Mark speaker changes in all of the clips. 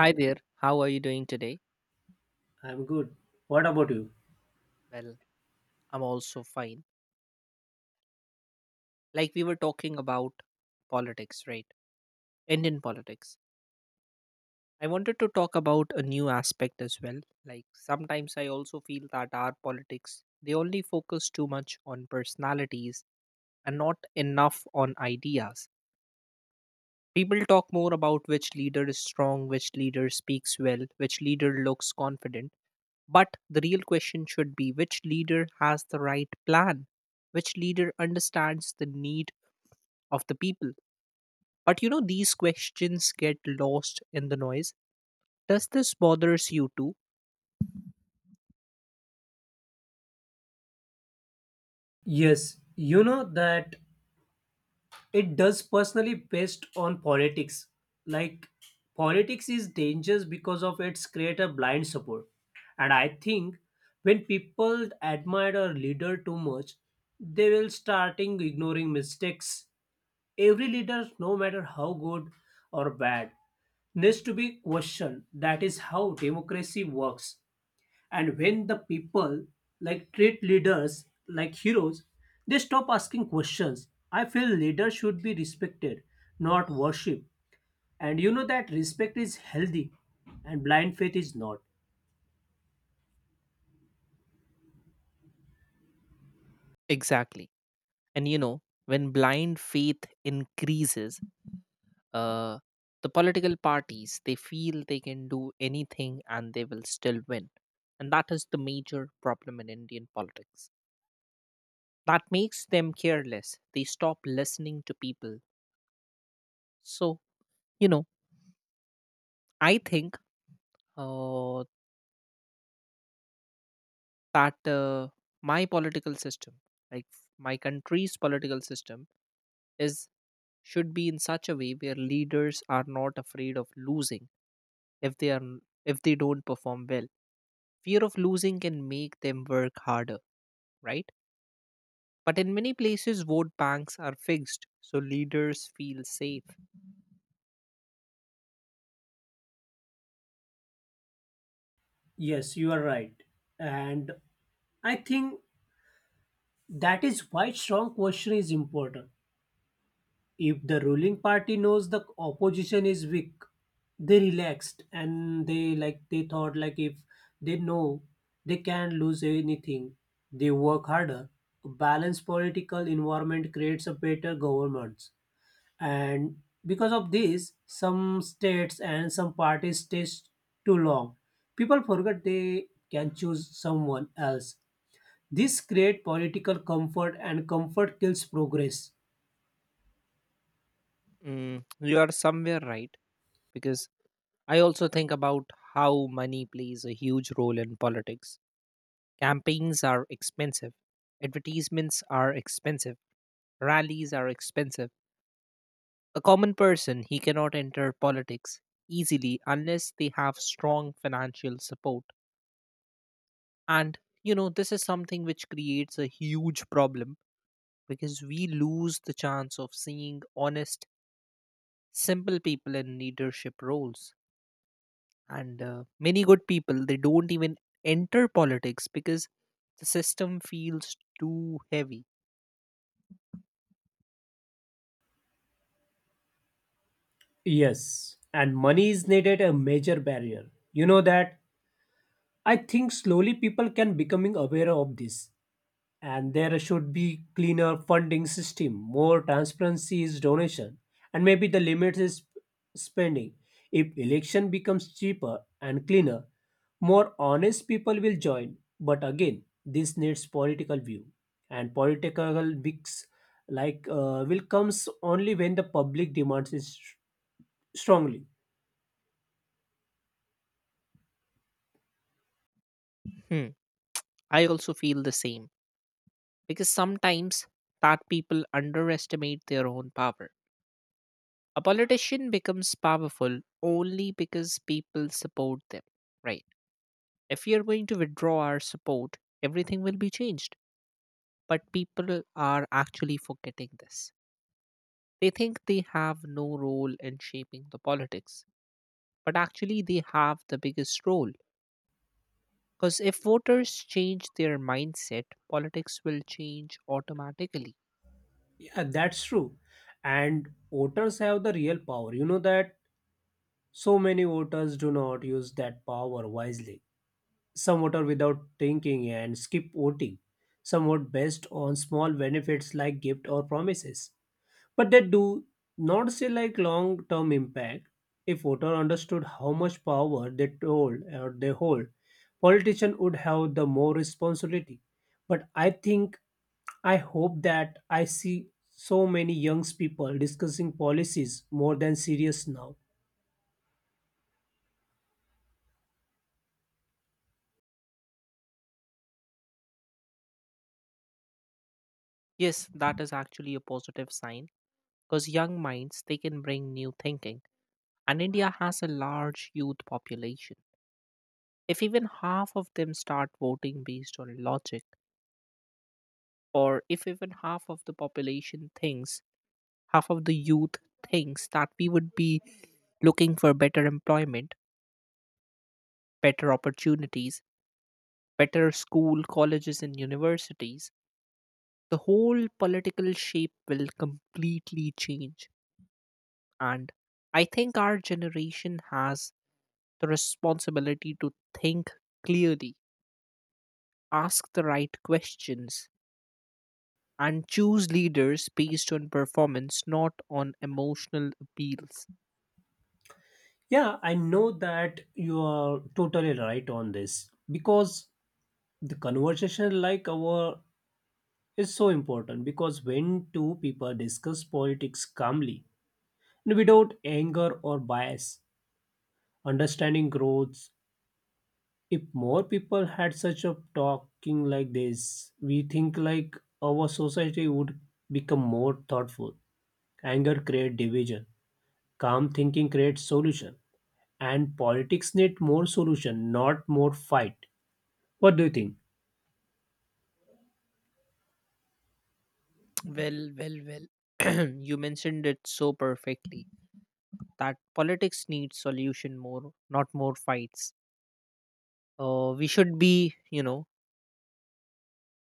Speaker 1: Hi there. How are you doing today?
Speaker 2: I'm good. What about you?
Speaker 1: Well, I'm also fine. Like we were talking about politics, right? Indian politics. I wanted to talk about a new aspect as well. Like sometimes I also feel that our politics, they only focus too much on personalities and not enough on ideas. People talk more about which leader is strong, which leader speaks well, which leader looks confident. But the real question should be, which leader has the right plan? Which leader understands the need of the people? But these questions get lost in the noise. Does this bothers you too?
Speaker 2: Yes, you know that it does personally based on politics. Like politics is dangerous because of its creator blind support. And I think when people admire a leader too much, they will starting ignoring mistakes. Every leader, no matter how good or bad, needs to be questioned. That is how democracy works. And when the people like treat leaders like heroes, they stop asking questions. I feel leaders should be respected, not worshipped. And you know that respect is healthy and blind faith is not.
Speaker 1: Exactly. And when blind faith increases, uh, the political parties, they feel they can do anything and they will still win. And that is the major problem in Indian politics. That makes them careless. They stop listening to people. So you know I think uh, that my political system, like my country's political system, is should be in such a way where leaders are not afraid of losing. if they are if they don't perform well, fear of losing can make them work harder, right? But in many places vote banks are fixed, so leaders feel safe.
Speaker 2: Yes, you are right. And I think that is why strong question is important. If the ruling party knows the opposition is weak, they relaxed and they like they thought like if they know they can lose anything, they work harder. A balanced political environment creates a better governments. And because of this, some states and some parties stay too long. People forget they can choose someone else. This create political comfort and comfort kills progress.
Speaker 1: mm, you are somewhere right, because I also think about how money plays a huge role in politics. Campaigns are expensive, advertisements are expensive, rallies are expensive. A common person, he cannot enter politics easily unless they have strong financial support. And you know, this is something which creates a huge problem, because we lose the chance of seeing honest, simple people in leadership roles. And many good people, they don't even enter politics because the system feels too heavy.
Speaker 2: Yes, and money is needed a major barrier. You know that I think slowly people can becoming aware of this and there should be cleaner funding system, more transparency is donation and maybe the limit is spending. If election becomes cheaper and cleaner, more honest people will join. But again, this needs political view and political mix like will comes only when the public demands strongly.
Speaker 1: Hmm. I also feel the same, because sometimes that people underestimate their own power. A politician becomes powerful only because people support them, right? If we are going to withdraw our support, everything will be changed. But people are actually forgetting this. They think they have no role in shaping the politics, but actually they have the biggest role. Because if voters change their mindset, politics will change automatically.
Speaker 2: Yeah, that's true. And voters have the real power. You know that so many voters do not use that power wisely. Some vote without thinking and skip voting. Some vote based on small benefits like gift or promises, but they do not see like long term impact. If voter understood how much power they told or they hold, politician would have the more responsibility. But I think I hope that I see so many young people discussing policies more than serious now.
Speaker 1: Yes, that is actually a positive sign, because young minds, they can bring new thinking, and India has a large youth population. If even half of them start voting based on logic, or if even half of the population thinks, half of the youth thinks that we would be looking for better employment, better opportunities, better school, colleges, and universities, the whole political shape will completely change. And I think our generation has the responsibility to think clearly, ask the right questions, and choose leaders based on performance, not on emotional appeals.
Speaker 2: Yeah, I know that you are totally right on this because the conversation like our is so important because when two people discuss politics calmly without anger or bias. Understanding grows. If more people had such a talking like this, we think like our society would become more thoughtful. Anger creates division. Calm thinking creates solution. And politics need more solution, not more fight. What do you think?
Speaker 1: Well, well, well. You mentioned it so perfectly, that politics needs solution more, not more fights. We should be,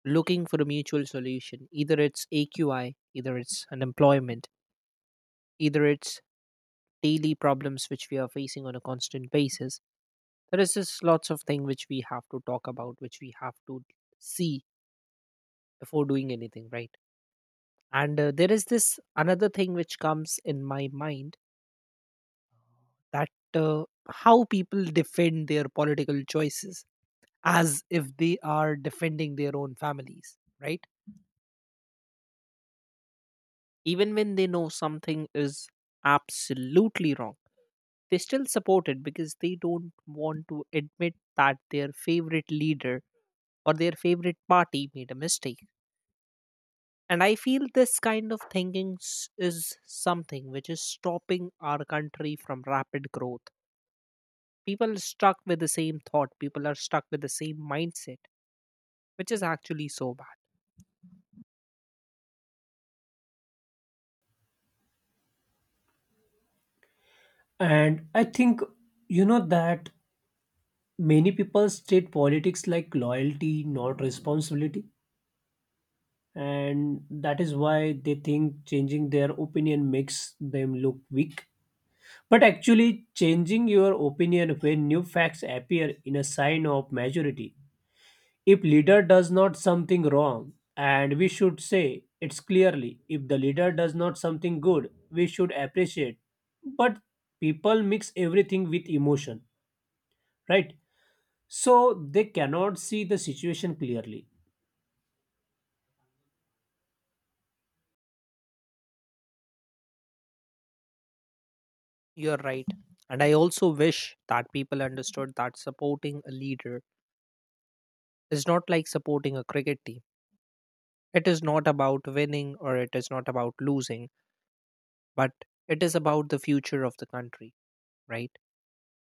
Speaker 1: looking for a mutual solution. Either it's AQI, either it's unemployment, either it's daily problems which we are facing on a constant basis. There is just lots of things which we have to talk about, which we have to see before doing anything, right? And there is this another thing which comes in my mind, that how people defend their political choices as if they are defending their own families, right? Even when they know something is absolutely wrong, they still support it because they don't want to admit that their favorite leader or their favorite party made a mistake. And I feel this kind of thinking is something which is stopping our country from rapid growth. People are stuck with the same thought, people are stuck with the same mindset, which is actually so bad.
Speaker 2: And I think you know that many people state politics like loyalty, not responsibility, and that is why they think changing their opinion makes them look weak. But actually, changing your opinion when new facts appear in a sign of majority. If leader does not something wrong, and we should say it's clearly, if the leader does not something good, we should appreciate. But people mix everything with emotion, right? So they cannot see the situation clearly.
Speaker 1: You're right. And I also wish that people understood that supporting a leader is not like supporting a cricket team. It is not about winning or it is not about losing, but it is about the future of the country, right?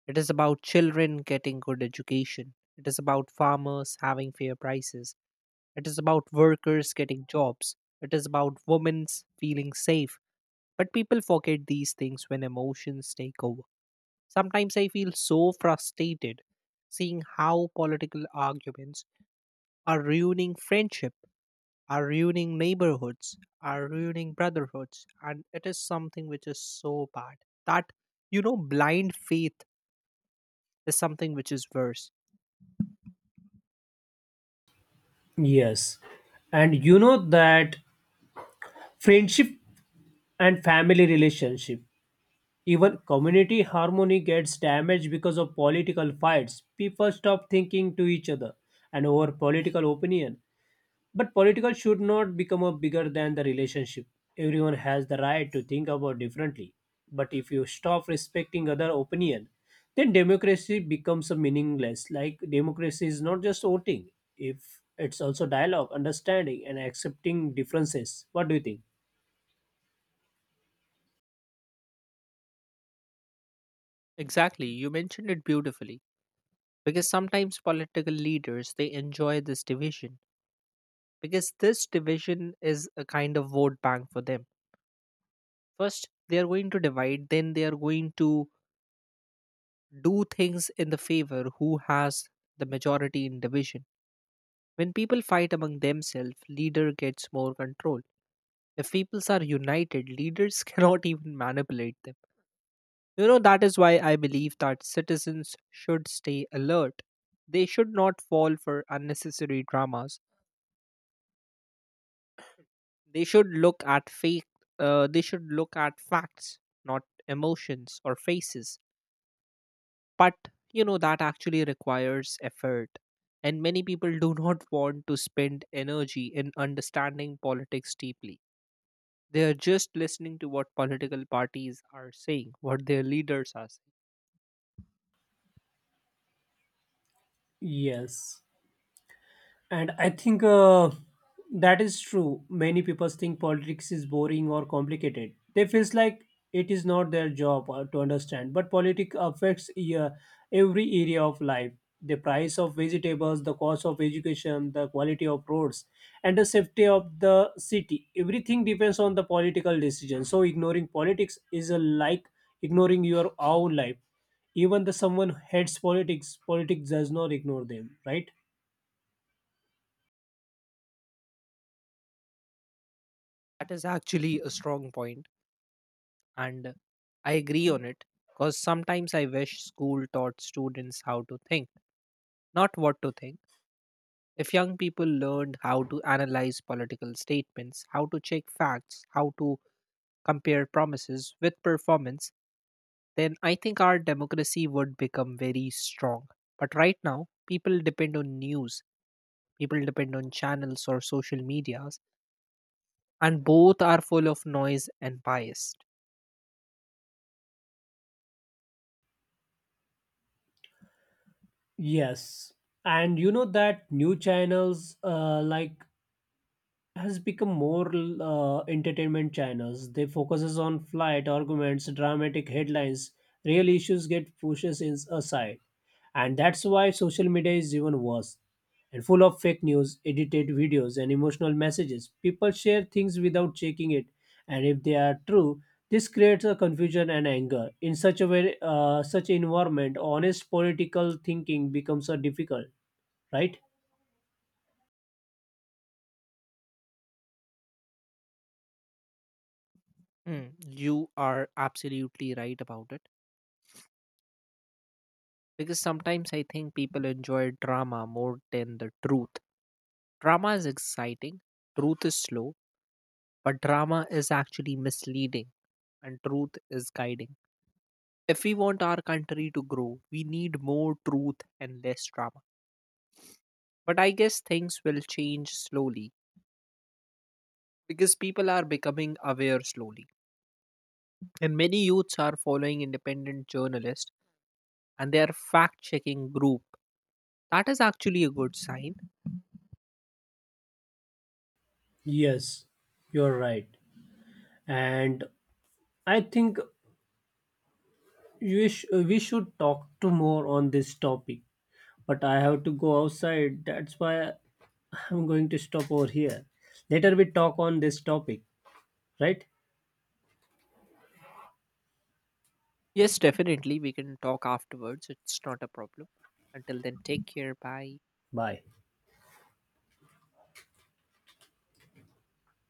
Speaker 1: It is about children getting good education. It is about farmers having fair prices. It is about workers getting jobs. It is about women's feeling safe. But people forget these things when emotions take over. Sometimes I feel so frustrated seeing how political arguments are ruining friendship, are ruining neighborhoods, are ruining brotherhoods, and it is something which is so bad. That, you know, blind faith is something which is worse.
Speaker 2: Yes. And you know that friendship and family relationship. Even community harmony gets damaged because of political fights. People stop thinking to each other and over political opinion. But political should not become a bigger than the relationship. Everyone has the right to think about differently. But if you stop respecting other opinion, then democracy becomes a meaningless. Like democracy is not just voting. If it's also dialogue, understanding and accepting differences. What do you think?
Speaker 1: Exactly, you mentioned it beautifully. Because sometimes political leaders, they enjoy this division, because this division is a kind of vote bank for them. First, they are going to divide, then they are going to do things in the favor who has the majority in division. When people fight among themselves, leader gets more control. If peoples are united, leaders cannot even manipulate them. You know, that is why I believe that citizens should stay alert. They should not fall for unnecessary dramas. They should look at fake. They should look at facts, not emotions or faces. But you know that actually requires effort, and many people do not want to spend energy in understanding politics deeply. They are just listening to what political parties are saying, what their leaders are saying.
Speaker 2: Yes. And I think that is true. Many people think politics is boring or complicated. They feels like it is not their job to understand. But politics affects uh, every area of life. The price of vegetables, the cost of education, the quality of roads, and the safety of the city. Everything depends on the political decision. So ignoring politics is like ignoring your own life. Even the someone hates politics, politics does not ignore them, right?
Speaker 1: That is actually a strong point, and I agree on it, because sometimes I wish school taught students how to think, not what to think. If young people learned how to analyze political statements, how to check facts, how to compare promises with performance, then I think our democracy would become very strong. But right now, people depend on news, people depend on channels or social medias, and both are full of noise and bias.
Speaker 2: Yes, and you know that new channels like has become more entertainment channels. They focuses on flight arguments, dramatic headlines, real issues get pushes in aside, and that's why social media is even worse and full of fake news, edited videos, and emotional messages. People share things without checking it, and if they are true, this creates a confusion and anger. In such a way, such environment, honest political thinking becomes a difficult, right?
Speaker 1: Mm, you are absolutely right about it. Because sometimes I think people enjoy drama more than the truth. Drama is exciting, truth is slow. But drama is actually misleading and truth is guiding. If we want our country to grow, we need more truth and less drama. But I guess things will change slowly, because people are becoming aware slowly. And many youths are following independent journalists and they are fact checking group. That is actually a good sign.
Speaker 2: Yes, you're right. And I think we should talk to more on this topic, but I have to go outside. That's why I'm going to stop over here. Later we talk on this topic, right?
Speaker 1: Yes, definitely. We can talk afterwards. It's not a problem. Until then, take care. Bye.
Speaker 2: Bye.